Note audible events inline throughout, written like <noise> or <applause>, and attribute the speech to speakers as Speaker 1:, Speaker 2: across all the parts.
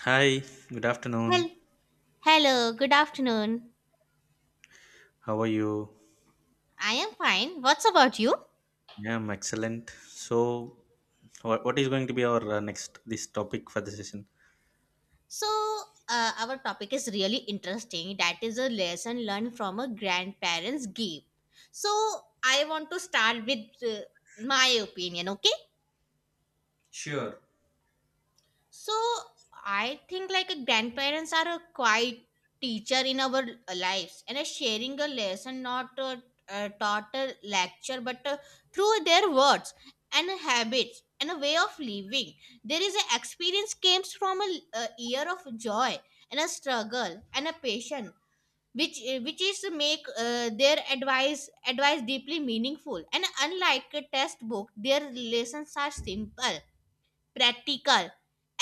Speaker 1: Hi, good afternoon.
Speaker 2: Hel- Hello, good afternoon.
Speaker 1: How are you?
Speaker 2: I am fine. What's about you?
Speaker 1: Yeah, I'm excellent. What is going to be our next this topic for the session?
Speaker 2: So, our topic is really interesting. That is a lesson learned from a grandparent's gift. So, I want to start with my opinion, okay? So I think like grandparents are a quiet teacher in our lives and a sharing a lesson, not a, a taught a lecture, but through their words and habits and a way of living. There is an experience comes from a year of joy and a struggle and a passion. Which is to make their advice deeply meaningful and unlike a test book, their lessons are simple, practical,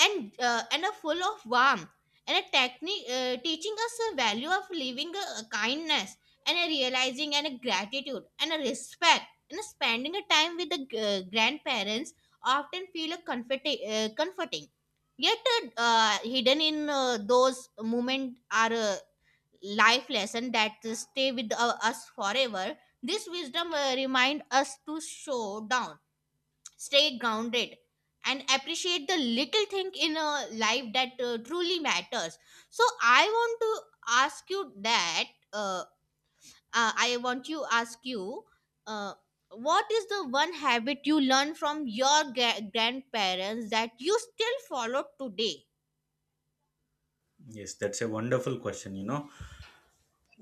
Speaker 2: and a full of warmth and a technique, teaching us the value of living a kindness and a realizing and a gratitude and a respect and a spending a time with the grandparents, often feel a comforting, yet hidden in those moments are life lesson that stay with us forever. This wisdom remind us to show down, stay grounded, and appreciate the little thing in a life that truly matters. So I want to ask you that, uh, I want you ask you uh, what is the one habit you learned from your grandparents that you still follow today?
Speaker 1: Yes, that's a wonderful question, you know.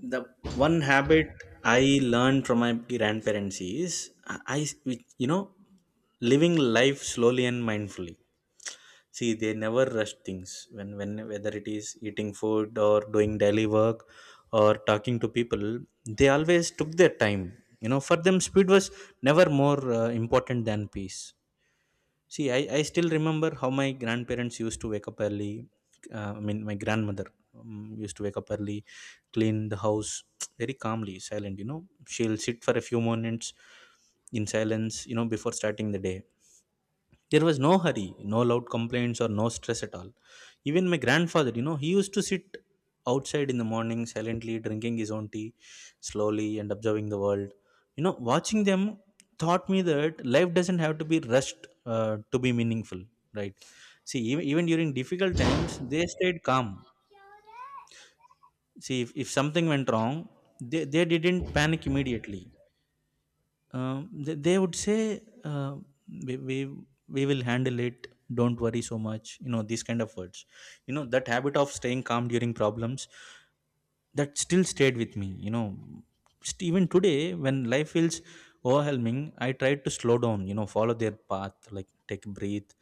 Speaker 1: The one habit I learned from my grandparents is I- you know, living life slowly and mindfully. See, they never rush things when whether it is eating food or doing daily work or talking to people, they always took their time. You know, for them speed was never more important than peace. See, I still remember how my grandparents used to wake up early, I mean my grandmother used to wake up early, clean the house <tsk> very calmly, silent, you know. She'll sit for a few moments in silence, you know, before starting the day. There was no hurry, no loud complaints, or no stress at all. Even my grandfather, you know, he used to sit outside in the morning silently drinking his own tea, slowly, and observing the world. You know, watching them taught me that life doesn't have to be rushed to be meaningful, right? See, even during difficult times, they stayed calm. See, if something went wrong, they didn't panic immediately. They would say, we, we, we will handle it. Don't worry so much. You know, these kind of words. You know, that habit of staying calm during problems, that still stayed with me. Even today, when life feels overwhelming, I try to slow down, you know, follow their path, like take a breath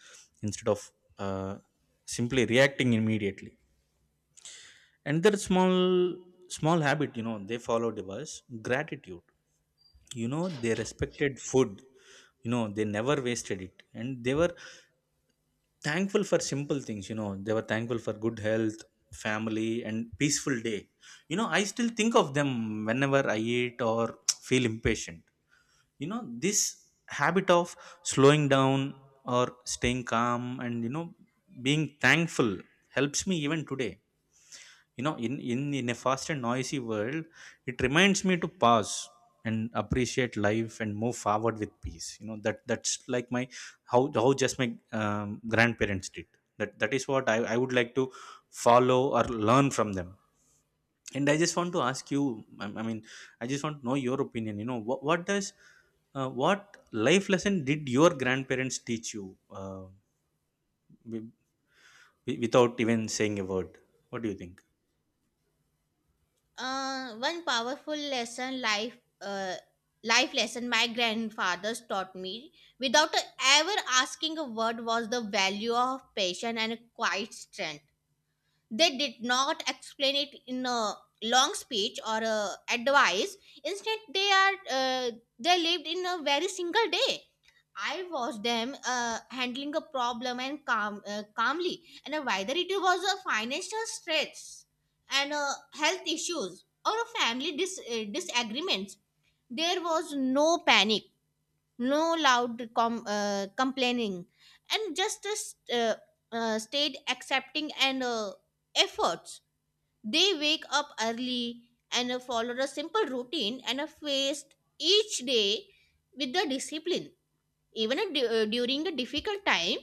Speaker 1: instead of uh, simply reacting immediately. And that small habit, you know, they followed was gratitude. You know, they respected food. You know, they never wasted it, and they were thankful for simple things. You know, they were thankful for good health, family, and peaceful day. You know, I still think of them whenever I eat or <tsk> feel impatient. You know, this habit of slowing down or staying calm and, you know, being thankful helps me even today. You know, in a fast and noisy world, it reminds me to pause and appreciate life and move forward with peace. You know, that that's like my how just my grandparents did. That is what I would like to follow or learn from them. And I just want to ask you, I just want to know your opinion. You know, what does what life lesson did your grandparents teach you, wi- without even saying a word? What do you think?
Speaker 2: One powerful lesson life life lesson my grandfathers taught me without ever asking a word was the value of patience and quiet strength. They did not explain it in a long speech or a advice. Instead, they are, they lived in a very single day. I watched them handling a problem and calmly, and whether it was a financial stress and health issues or a family disagreements, there was no panic, no loud complaining, and just a stayed accepting and efforts. They wake up early and follow a simple routine and face each day with the discipline. Even during the difficult time,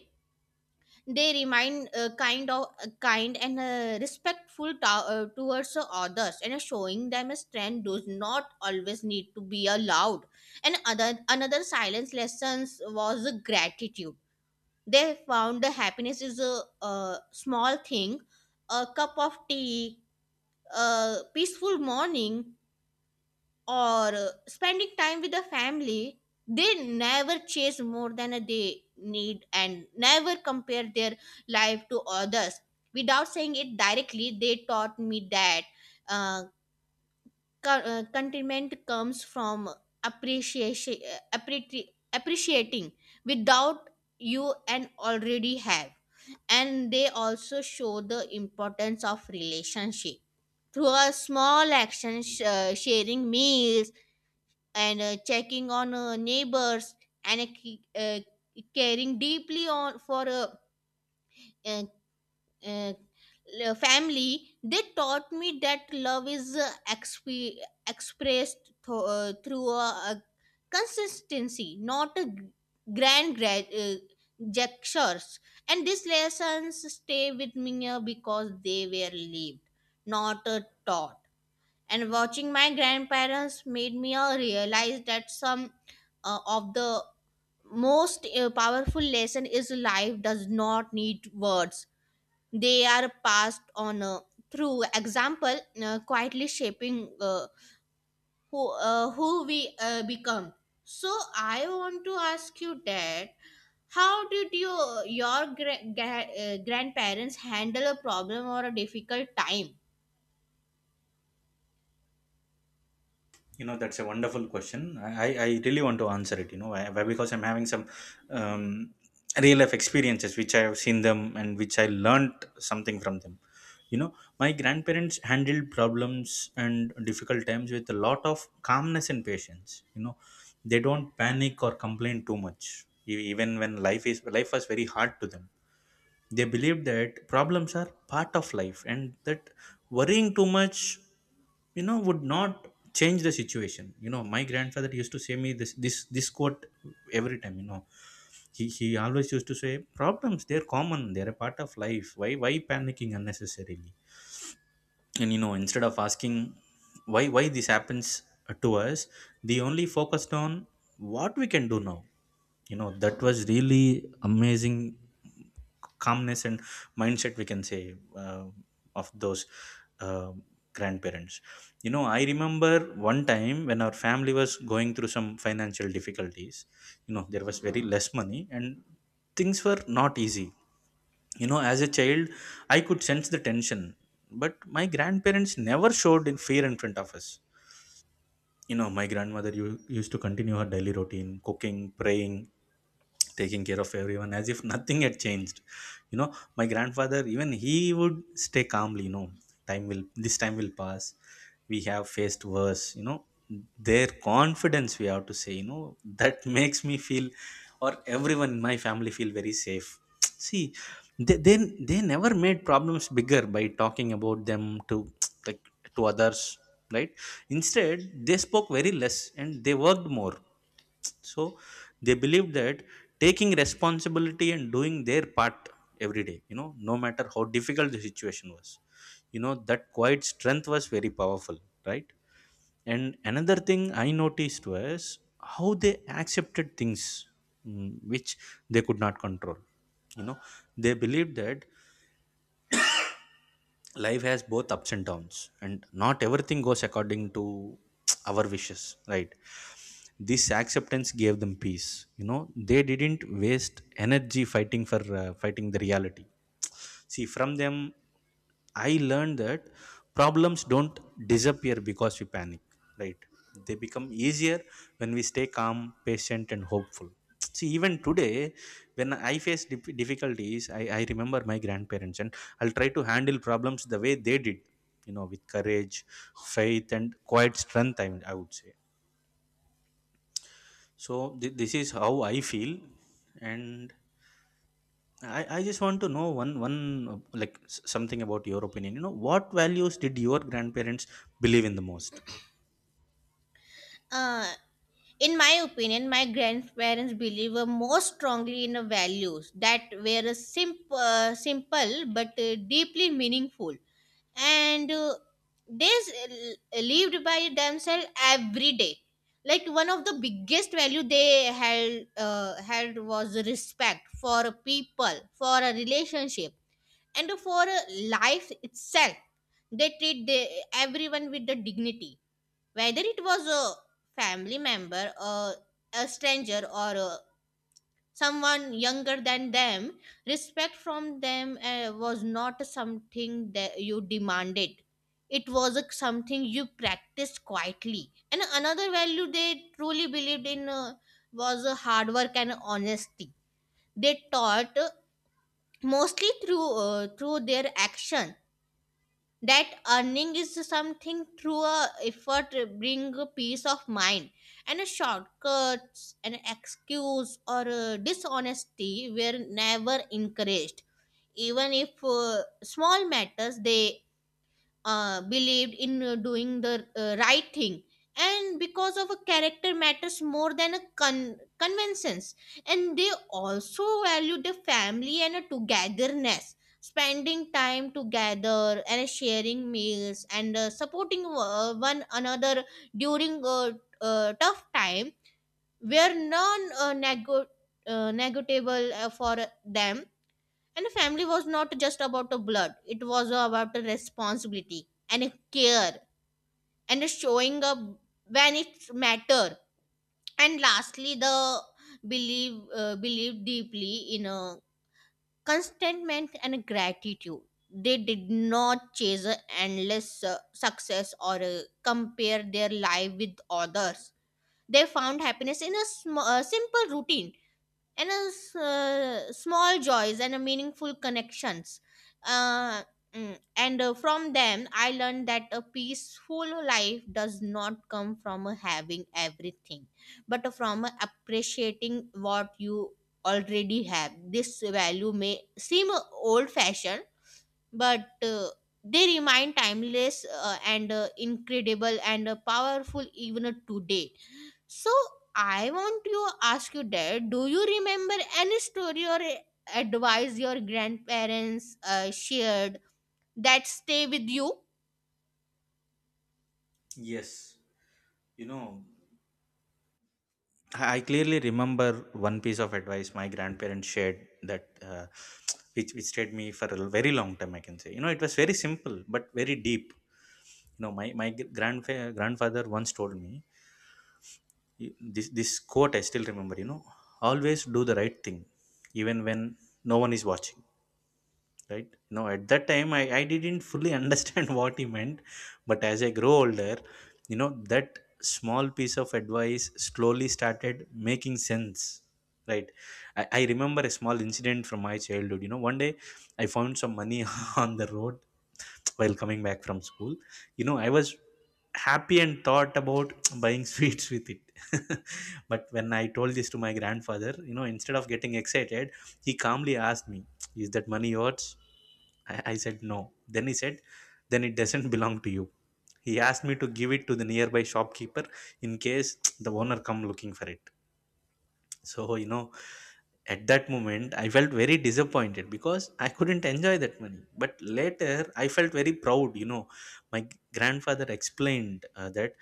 Speaker 2: they remain kind and respectful towards others, and showing them a strength does not always need to be allowed. And other another silence lessons was gratitude. They found the happiness is a small thing, a cup of tea, a peaceful morning, or spending time with the family. They never chase more than they need and never compare their life to others. Without saying it directly, they taught me that uh, contentment comes from appreciation, appreciating without you and already have. And they also show the importance of relationship through a small action, sharing meals and checking on neighbors and caring deeply on for uh, uh, family. They taught me that love is expressed through a consistency, not a grand gestures. And these lessons stay with me because they were lived, not taught. And watching my grandparents made me realize that some of the most powerful lesson is life does not need words. They are passed on through example, quietly shaping who we become. So I want to ask you that, how did your grandparents handle a problem or a difficult time?
Speaker 1: You know, that's a wonderful question. I really want to answer it, you know, why, why? Because I'm having some um, real life experiences which I have seen them and which I learned something from them. You know, my grandparents handled problems and difficult times with a lot of calmness and patience. You know, they don't panic or complain too much, even when life is life was very hard to them. They believe that problems are part of life and that worrying too much, you know, would not change the situation. You know, my grandfather used to say me this quote every time, you know. He always used to say, problems, they're common, they're a part of life. Why panicking unnecessarily? And you know, instead of asking why this happens to us, they only focused on what we can do now. You know, that was really amazing calmness and mindset, we can say, of those uh, grandparents. You know, I remember one time when our family was going through some financial difficulties. You know, there was very less money and things were not easy. You know, as a child, I could sense the tension, but my grandparents never showed in fear in front of us. You know, my grandmother used to continue her daily routine, cooking, praying, taking care of everyone as if <laughs> nothing had changed. You know, my grandfather, even he would stay calmly. You know, time will this time will pass, we have faced worse. You know, their confidence, we have to say, you know, that <laughs> makes me feel, or everyone in my family feel very safe. <tsk> See, they, they they never made problems bigger by talking about them to <tsk> like to others, right? Instead, they spoke very less and they worked more. So they believed that taking responsibility and doing their part every day, you know, no matter how difficult the situation was. You know, that quiet strength was very powerful, right? And another thing I noticed was how they accepted things, which they could not control. You know, they believed that life has both ups and downs and not everything goes according to <tsk> our wishes, right? This acceptance gave them peace. You know, they didn't waste energy fighting for fighting the reality. See, from them I learned that problems don't disappear because we panic, right? They become easier when we stay calm, patient, and hopeful. See, even today, when I face difficulties, I remember my grandparents, and I'll try to handle problems the way they did, you know, with courage, faith, and quiet strength, I would say. So, this is how I feel. And, I just want to know one something about your opinion. You know, what values did your grandparents believe in the most?
Speaker 2: Uh, in my opinion, my grandparents believe more strongly in the values that were simple but deeply meaningful, and they lived by themselves every day. Like one of the biggest value they held was respect for people, for a relationship, and for life itself. They treat the everyone with the dignity, whether it was a family member, a stranger, or someone younger than them. Respect from them was not something that you demanded. It was a, something you practiced quietly. And another value they truly believed in was hard work and honesty. They taught mostly through their action, that earning is something through a effort bring a peace of mind, and a shortcuts, an excuse, or a dishonesty were never encouraged. Even if small matters, they believed in doing the right thing, and because of a character matters more than a conventions. And they also value the family and a togetherness, spending time together and sharing meals and supporting one another during a tough time were negotiable for them. And the family was not just about the blood, it was about the responsibility and a care and a showing up when it mattered. And lastly, the believe deeply in a contentment and a gratitude. They did not chase a endless success or compare their life with others. They found happiness in a simple routine and small joys and a meaningful connections, uh, and from them I learned that a peaceful life does not come from having everything, but from appreciating what you already have. This value may seem old fashioned, but they remain timeless and incredible and powerful even today. So I want to ask you that, do you remember any story or advice your grandparents shared that stay with you?
Speaker 1: Yes. You know, I clearly remember one piece of advice my grandparents shared that, <tsk> which stayed me for a very long time, I can say. You know, it was very simple but very deep. You know, my grandfather once told me this quote I still remember. You know, always do the right thing even when no one is watching, right? Now, at that time I didn't fully <laughs> understand what he meant, but as I grow older, you know, that small piece of advice slowly started making sense, right? I remember a small incident from my childhood. You know, one day I found some money <laughs> on the road while coming back from school. You know, I was happy and thought about <tsk> buying <laughs> sweets with it. <laughs> But when I told this to my grandfather, you know, instead of getting excited, he calmly asked me, is that money yours? I said no. Then he said, then it doesn't belong to you. He asked me to give it to the nearby shopkeeper in case <tsk> the owner come looking for it. So, you know, at that moment, I felt very disappointed because I couldn't enjoy that money. But later, I felt very proud. You know, my grandfather explained that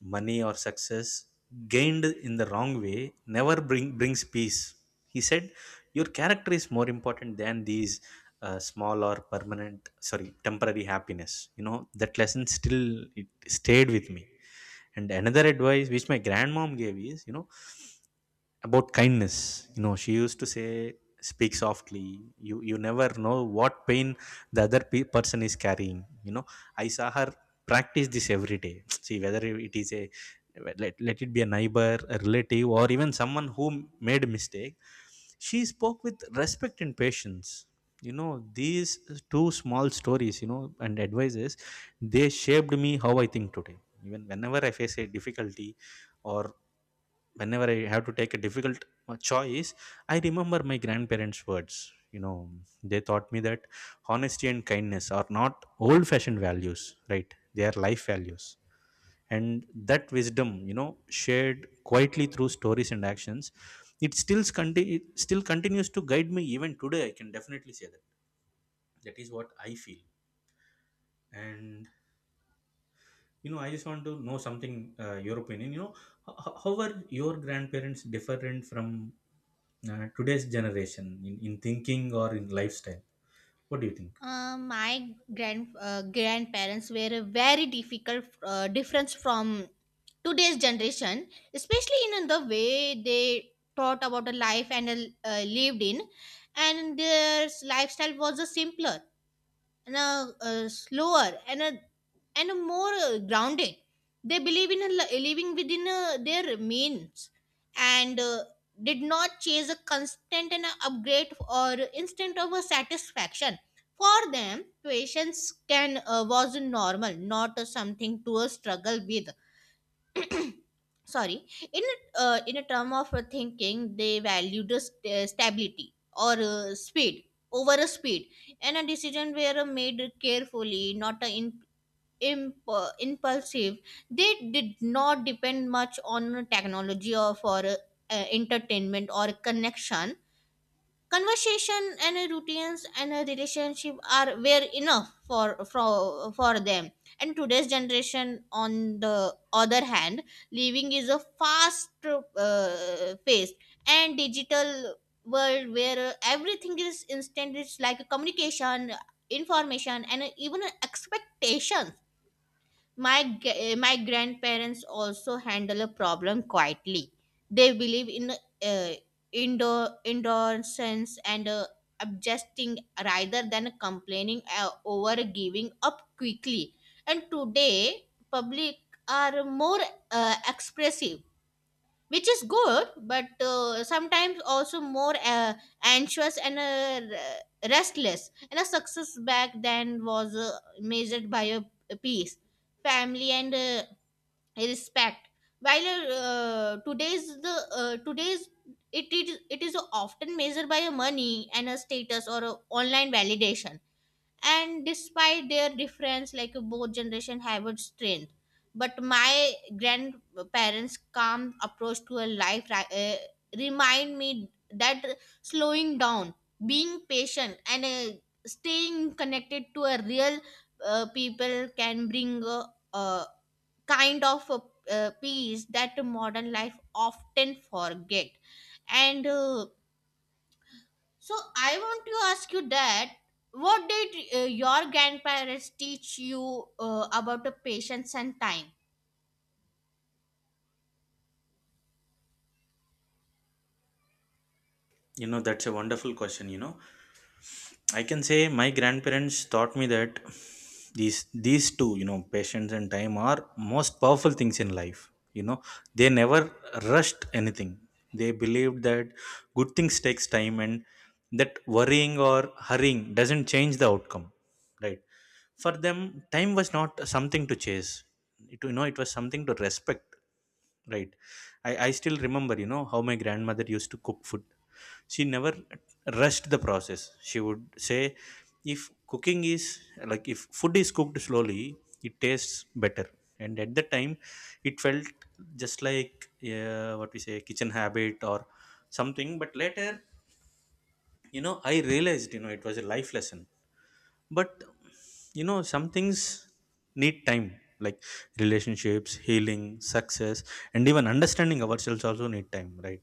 Speaker 1: money or success gained in the wrong way never brings peace. He said, your character is more important than these small or permanent, sorry, temporary happiness. You know, that lesson still it stayed with me. And another advice which my grandmom gave is, you know, about kindness. You know, she used to say, speak softly, you never know what pain the person is carrying. You know, I saw her practice this every day. <tsk> See, whether it is a let it be a neighbor, a relative, or even someone who made a mistake, she spoke with respect and patience. You know, these two small stories, you know, and advices, they shaped me how I think today. Even whenever I face a difficulty, or whenever I have to take a difficult choice, I remember my grandparents' words. You know, they taught me that honesty and kindness are not old fashioned values, right? They are life values. And that wisdom, you know, shared quietly through stories and actions, it still, it still continues to guide me even today. I can definitely say that. That is what I feel. And, you know, I just want to know something, your opinion. You know, how are your grandparents different from today's generation in, thinking or in lifestyle? What do you think?
Speaker 2: My grandparents were a very difficult difference from today's generation, especially in the way they thought about the life and lived in, and their lifestyle was a simpler, and a slower, and a more grounded. They believe in living within their means and did not chase a constant and a upgrade or instant of a satisfaction. For them, patience can was normal, not something to struggle with. Sorry, in in a term of thinking, they value the stability or speed over a speed, and a decision were made carefully, not impulsive. They did not depend much on technology or for entertainment or connection, conversation and routines and a relationship are were enough for for for them. And today's generation, on the other hand, living is a fast paced and digital world where everything is instant, it's like communication, information, and even expectations. My grandparents also handle a problem quietly. They believe in indoor endurance and adjusting rather than complaining over giving up quickly. And today public are more expressive, which is good, but sometimes also more anxious and restless, and a success back then was measured by a peace, family, and respect, while today's, it is often measured by a money and a status or a online validation. And despite their difference, like, both generation have its strength, but my grandparents calm approach to a life remind me that slowing down, being patient, and staying connected to a real people can bring a kind of peace that modern life often forget. And uh, so I want to ask you that, what did your grandparents teach you about the patience and time?
Speaker 1: You know, that's a wonderful question, you know. I can say my grandparents taught me that these two, you know, patience and time are most powerful things in life. You know, they never rushed anything. They believed that good things takes time and that worrying or hurrying doesn't change the outcome. Right. For them, time was not something to chase. It, you know, it was something to respect. Right. I still remember, you know, how my grandmother used to cook food. She never rushed the process. She would say, if cooking is if food is cooked slowly, it tastes better. And at the time, it felt just like, what we say, kitchen habit or something. But later, you know, I realized, it was a life lesson, but you know, some things need time, like relationships, healing, success, and even understanding ourselves also need time, right?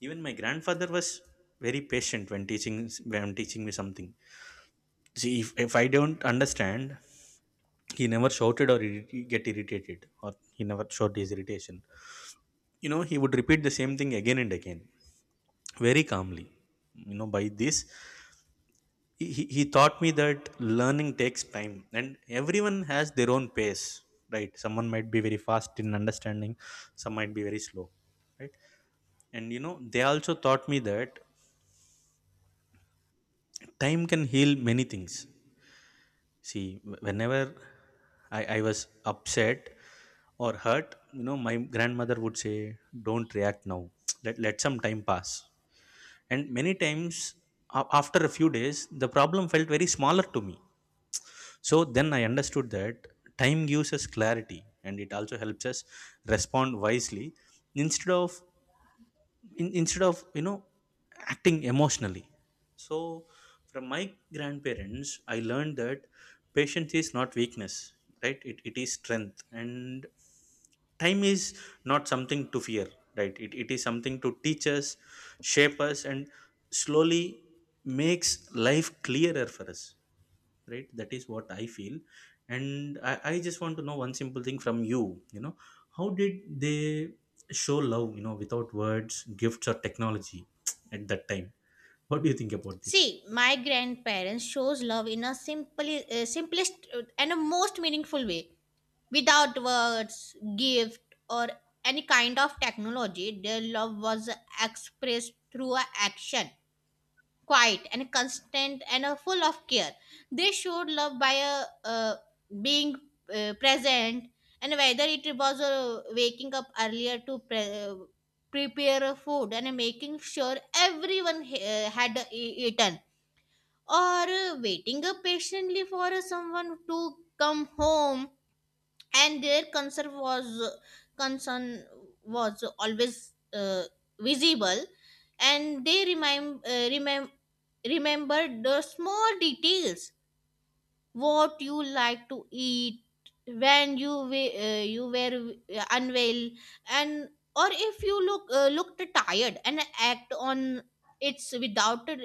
Speaker 1: Even my grandfather was very patient when teaching me something. See, if I don't understand, he never shouted or get irritated, or he never showed his irritation. You know, he would repeat the same thing again and again very calmly. You know, by this he taught me that learning takes time, and everyone has their own pace. Right? Someone might be very fast in understanding, some might be very slow, right? And you know, they also taught me that time can heal many things. See, whenever I was upset or hurt, you know, my grandmother would say, don't react now, let some time pass. And many times, after a few days, the problem felt very smaller to me. So then I understood that time gives us clarity, and it also helps us respond wisely instead of instead of, you know, acting emotionally. So from my grandparents, I learned that patience is not weakness, right? It is strength, and time is not something to fear, right? It is something to teach us, shape us, and slowly makes life clearer for us, right? That is what I feel. And I just want to know one simple thing from you. You know, how did they show love, you know, without words, gifts, or technology, at that time? What do you think about this?
Speaker 2: See, my grandparents shows love in a simply simplest and a most meaningful way. Without words, gift, or any kind of technology, their love was expressed through a action, quiet and constant and full of care. They showed love by being present, and whether it was waking up earlier to prepare food and making sure everyone had eaten, or waiting patiently for someone to come home. And their concern was always visible, and they remembered the small details, what you like to eat when you you were unwell, and or if you looked tired and act on it's without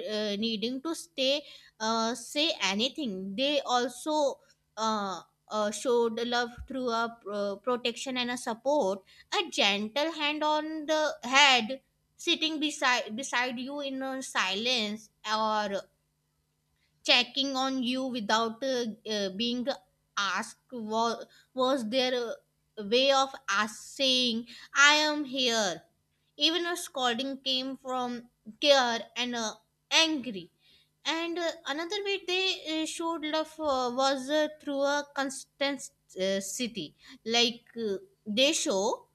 Speaker 2: needing to stay say anything. They also uh, showed love through a protection and a support, a gentle hand on the head, sitting beside you in a silence, or checking on you without being asked was their way of us saying, I am here. Even a scolding came from care and angry. And another way they showed love was through a constant city, like uh, they show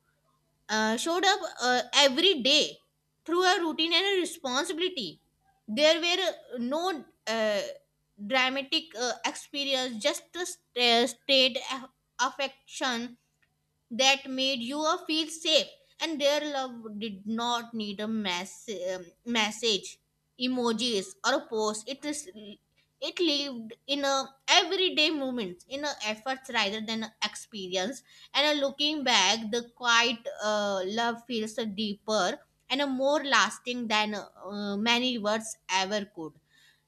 Speaker 2: uh, showed up every day through a routine and a responsibility. There were no dramatic experience, just the state affection that made you feel safe, and their love did not need a message, emojis, or a post it is, it lived in a everyday moments, in a efforts rather than a experience. And a looking back, the quiet love feels a deeper and a more lasting than many words ever could.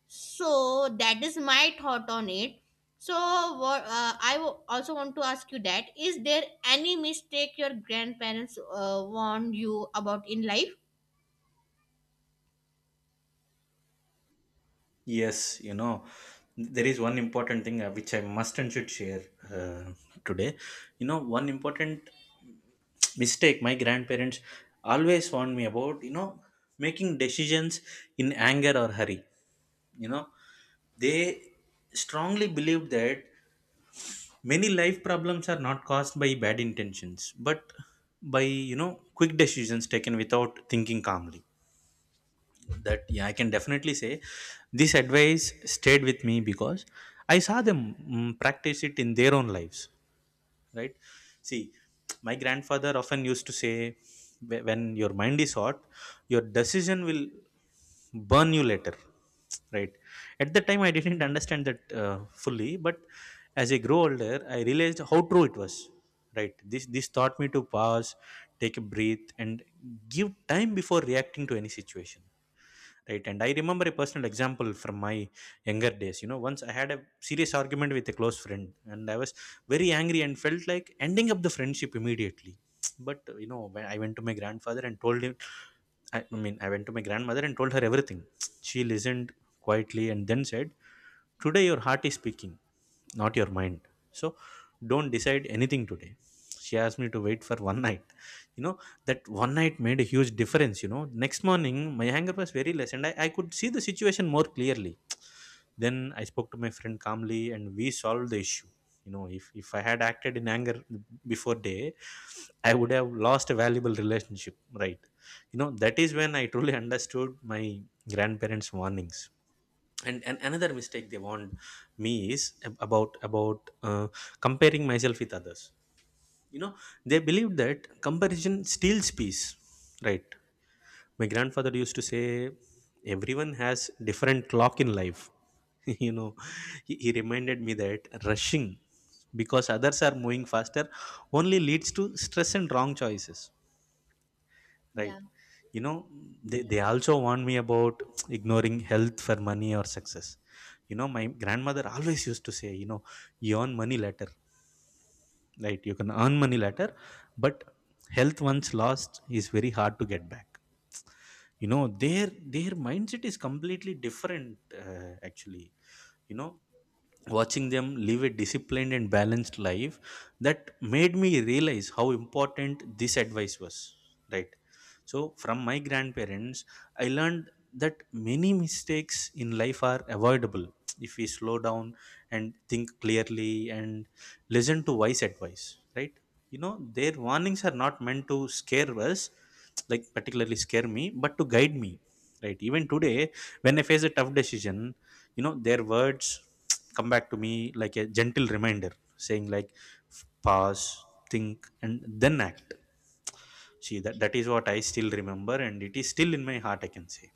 Speaker 2: So that is my thought on it. So what I also want to ask you that is there any mistake your grandparents warned you about in life?
Speaker 1: Yes, you know, there is one important thing, which I must and should share uh, today. You know, one important <tsk> mistake my grandparents always warned me about, you know, making decisions in anger or hurry. You know, they strongly believed that many life problems are not caused by bad intentions, but by, you know, quick decisions taken without thinking calmly. That, yeah, I can definitely say this advice stayed with me, because I saw them practice it in their own lives, right? See, my grandfather often used to say, When your mind is hot, your decision will burn you later." Right? At that time I didn't understand that fully, but as I grow older, I realized how true it was. Right, this taught me to pause, take a breath, and give time before reacting to any situation. Right, and I remember a personal example from my younger days. You know, once I had a serious argument with a close friend, and I was very angry and felt like ending up the friendship immediately. But you know, when I went to my grandfather and told him, I mean, I went to my grandmother and told her everything. She listened quietly and then said, today your heart is speaking, not your mind, so don't decide anything today. She asked me to wait for one <laughs> night. You know, that one night made a huge difference. You know, next morning my anger was very less, and I could see the situation more clearly. Then I spoke to my friend calmly and we solved the issue. You know, if I had acted in anger before day, I would have lost a valuable relationship, right? You know, that is when I truly understood my grandparents warnings. And another mistake they warned me is about comparing myself with others. You know, they believed that comparison steals peace, right? My grandfather used to say, everyone has different clock in life. <laughs> You know, he reminded me that rushing because others are moving faster only leads to stress and wrong choices, right?
Speaker 2: Yeah.
Speaker 1: You know, they also warned me about ignoring health for money or success. You know, my grandmother always used to say, you know, you earn money later, right? You can earn money later, but health once lost is very hard to get back. You know, their mindset is completely different, actually. You know, watching them live a disciplined and balanced life, that made me realize how important this advice was, right? So from my grandparents I learned that many mistakes in life are avoidable if we slow down and think clearly and listen to wise advice, right? You know, their warnings are not meant to scare us, like particularly scare me, but to guide me, right? Even today, when I face a tough decision, you know, their words come back to me like a gentle reminder, saying like, pause, think, and then act. See, that that is what I still remember and it is still in my heart, I can say.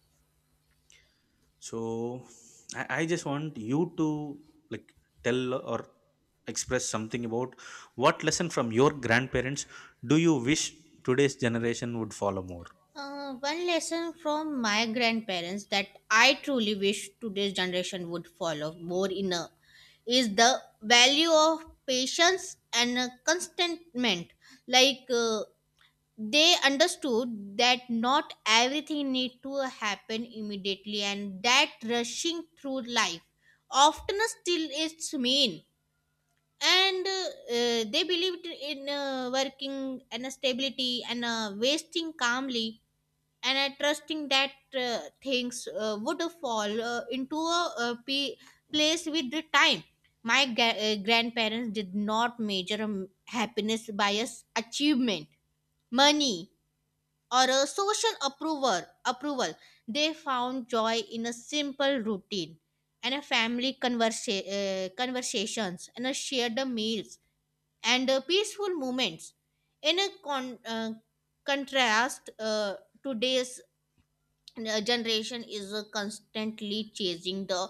Speaker 1: So I just want you to, like, tell or express something about what lesson from your grandparents do you wish today's generation would follow more.
Speaker 2: One lesson from my grandparents that I truly wish today's generation would follow more in a is the value of patience and contentment. Like they understood that not everything need to happen immediately, and that rushing through life often still its main. And they believed in working and stability and wasting calmly, and trusting that things would fall into pe place with the time. My grandparents did not measure happiness by a s achievement, money, or a social approval. They found joy in a simple routine and a family conversations and a shared meals and peaceful moments. In a contrast, today's generation is constantly chasing the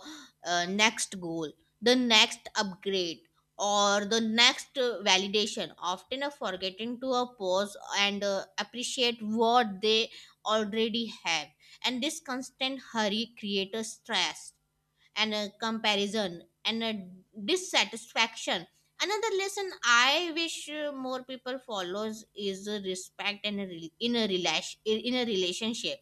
Speaker 2: next goal, the next upgrade, or the next validation, often forgetting to pause and appreciate what they already have. And this constant hurry creates a stress and a comparison and a dissatisfaction. Another lesson I wish more people follows is respect and a rel- in a relation in a relationship.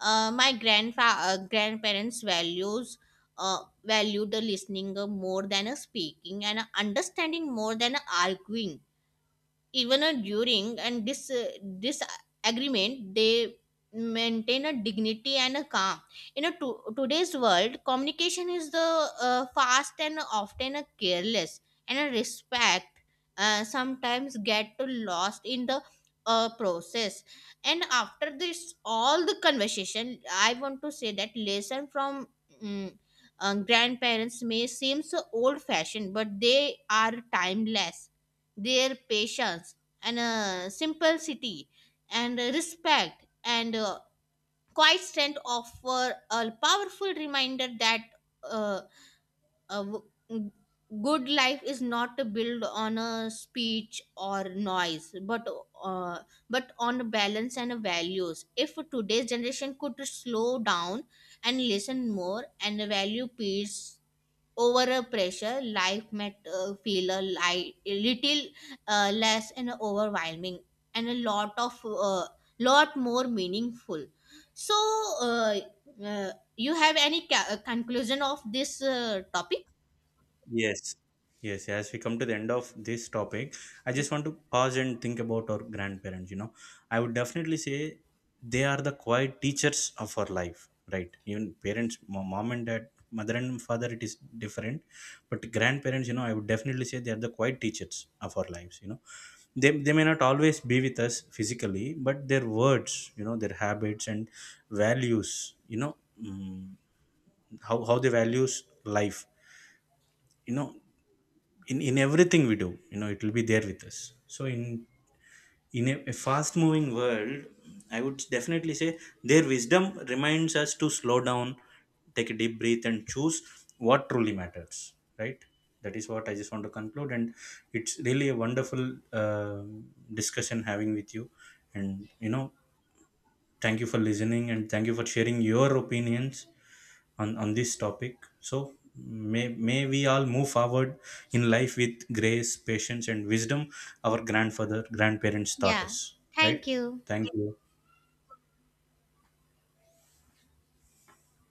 Speaker 2: My grandparents value the listening more than a speaking, and understanding more than arguing. Even a during and this disagreement, they maintain a dignity and a calm. In a today's world, communication is the fast and often a careless, and a respect sometimes get to lost in the process. And after this all the conversation, I want to say that lesson from mm, grandparents may seem so old fashioned, but they are timeless. Their patience and simplicity and respect and quiet strength offer a powerful reminder that uh, a good life is not built on a speech or noise, uh, but on balance and values. If today's generation could slow down and listen more and value peace over a pressure, life might feel a little less and overwhelming, and a lot of lot more meaningful. So, uh, you have any conclusion of this topic?
Speaker 1: Yes, yes. As we come to the end of this topic, I just want to pause and think about our grandparents. You know, I would definitely say they are the quiet teachers of our life, right? Even parents, mom and dad, mother and father, it is different. But grandparents, you know, I would definitely say they are the quiet teachers of our lives. You know, they may not always be with us physically, but their words, you know, their habits and values, you know, how they values life, you know, in everything we do, you know, it will be there with us. So in a fast moving world, I would definitely say their wisdom reminds us to slow down, take a deep breath, and choose what truly matters, right? That is what I just want to conclude. And it's really a wonderful um discussion having with you. And you know, thank you for listening, and thank you for sharing your opinions on this topic. So may we all move forward in life with grace, patience, and wisdom our grandfather grandparents taught
Speaker 2: Yeah.
Speaker 1: us. Right,
Speaker 2: Thank you.
Speaker 1: thank you.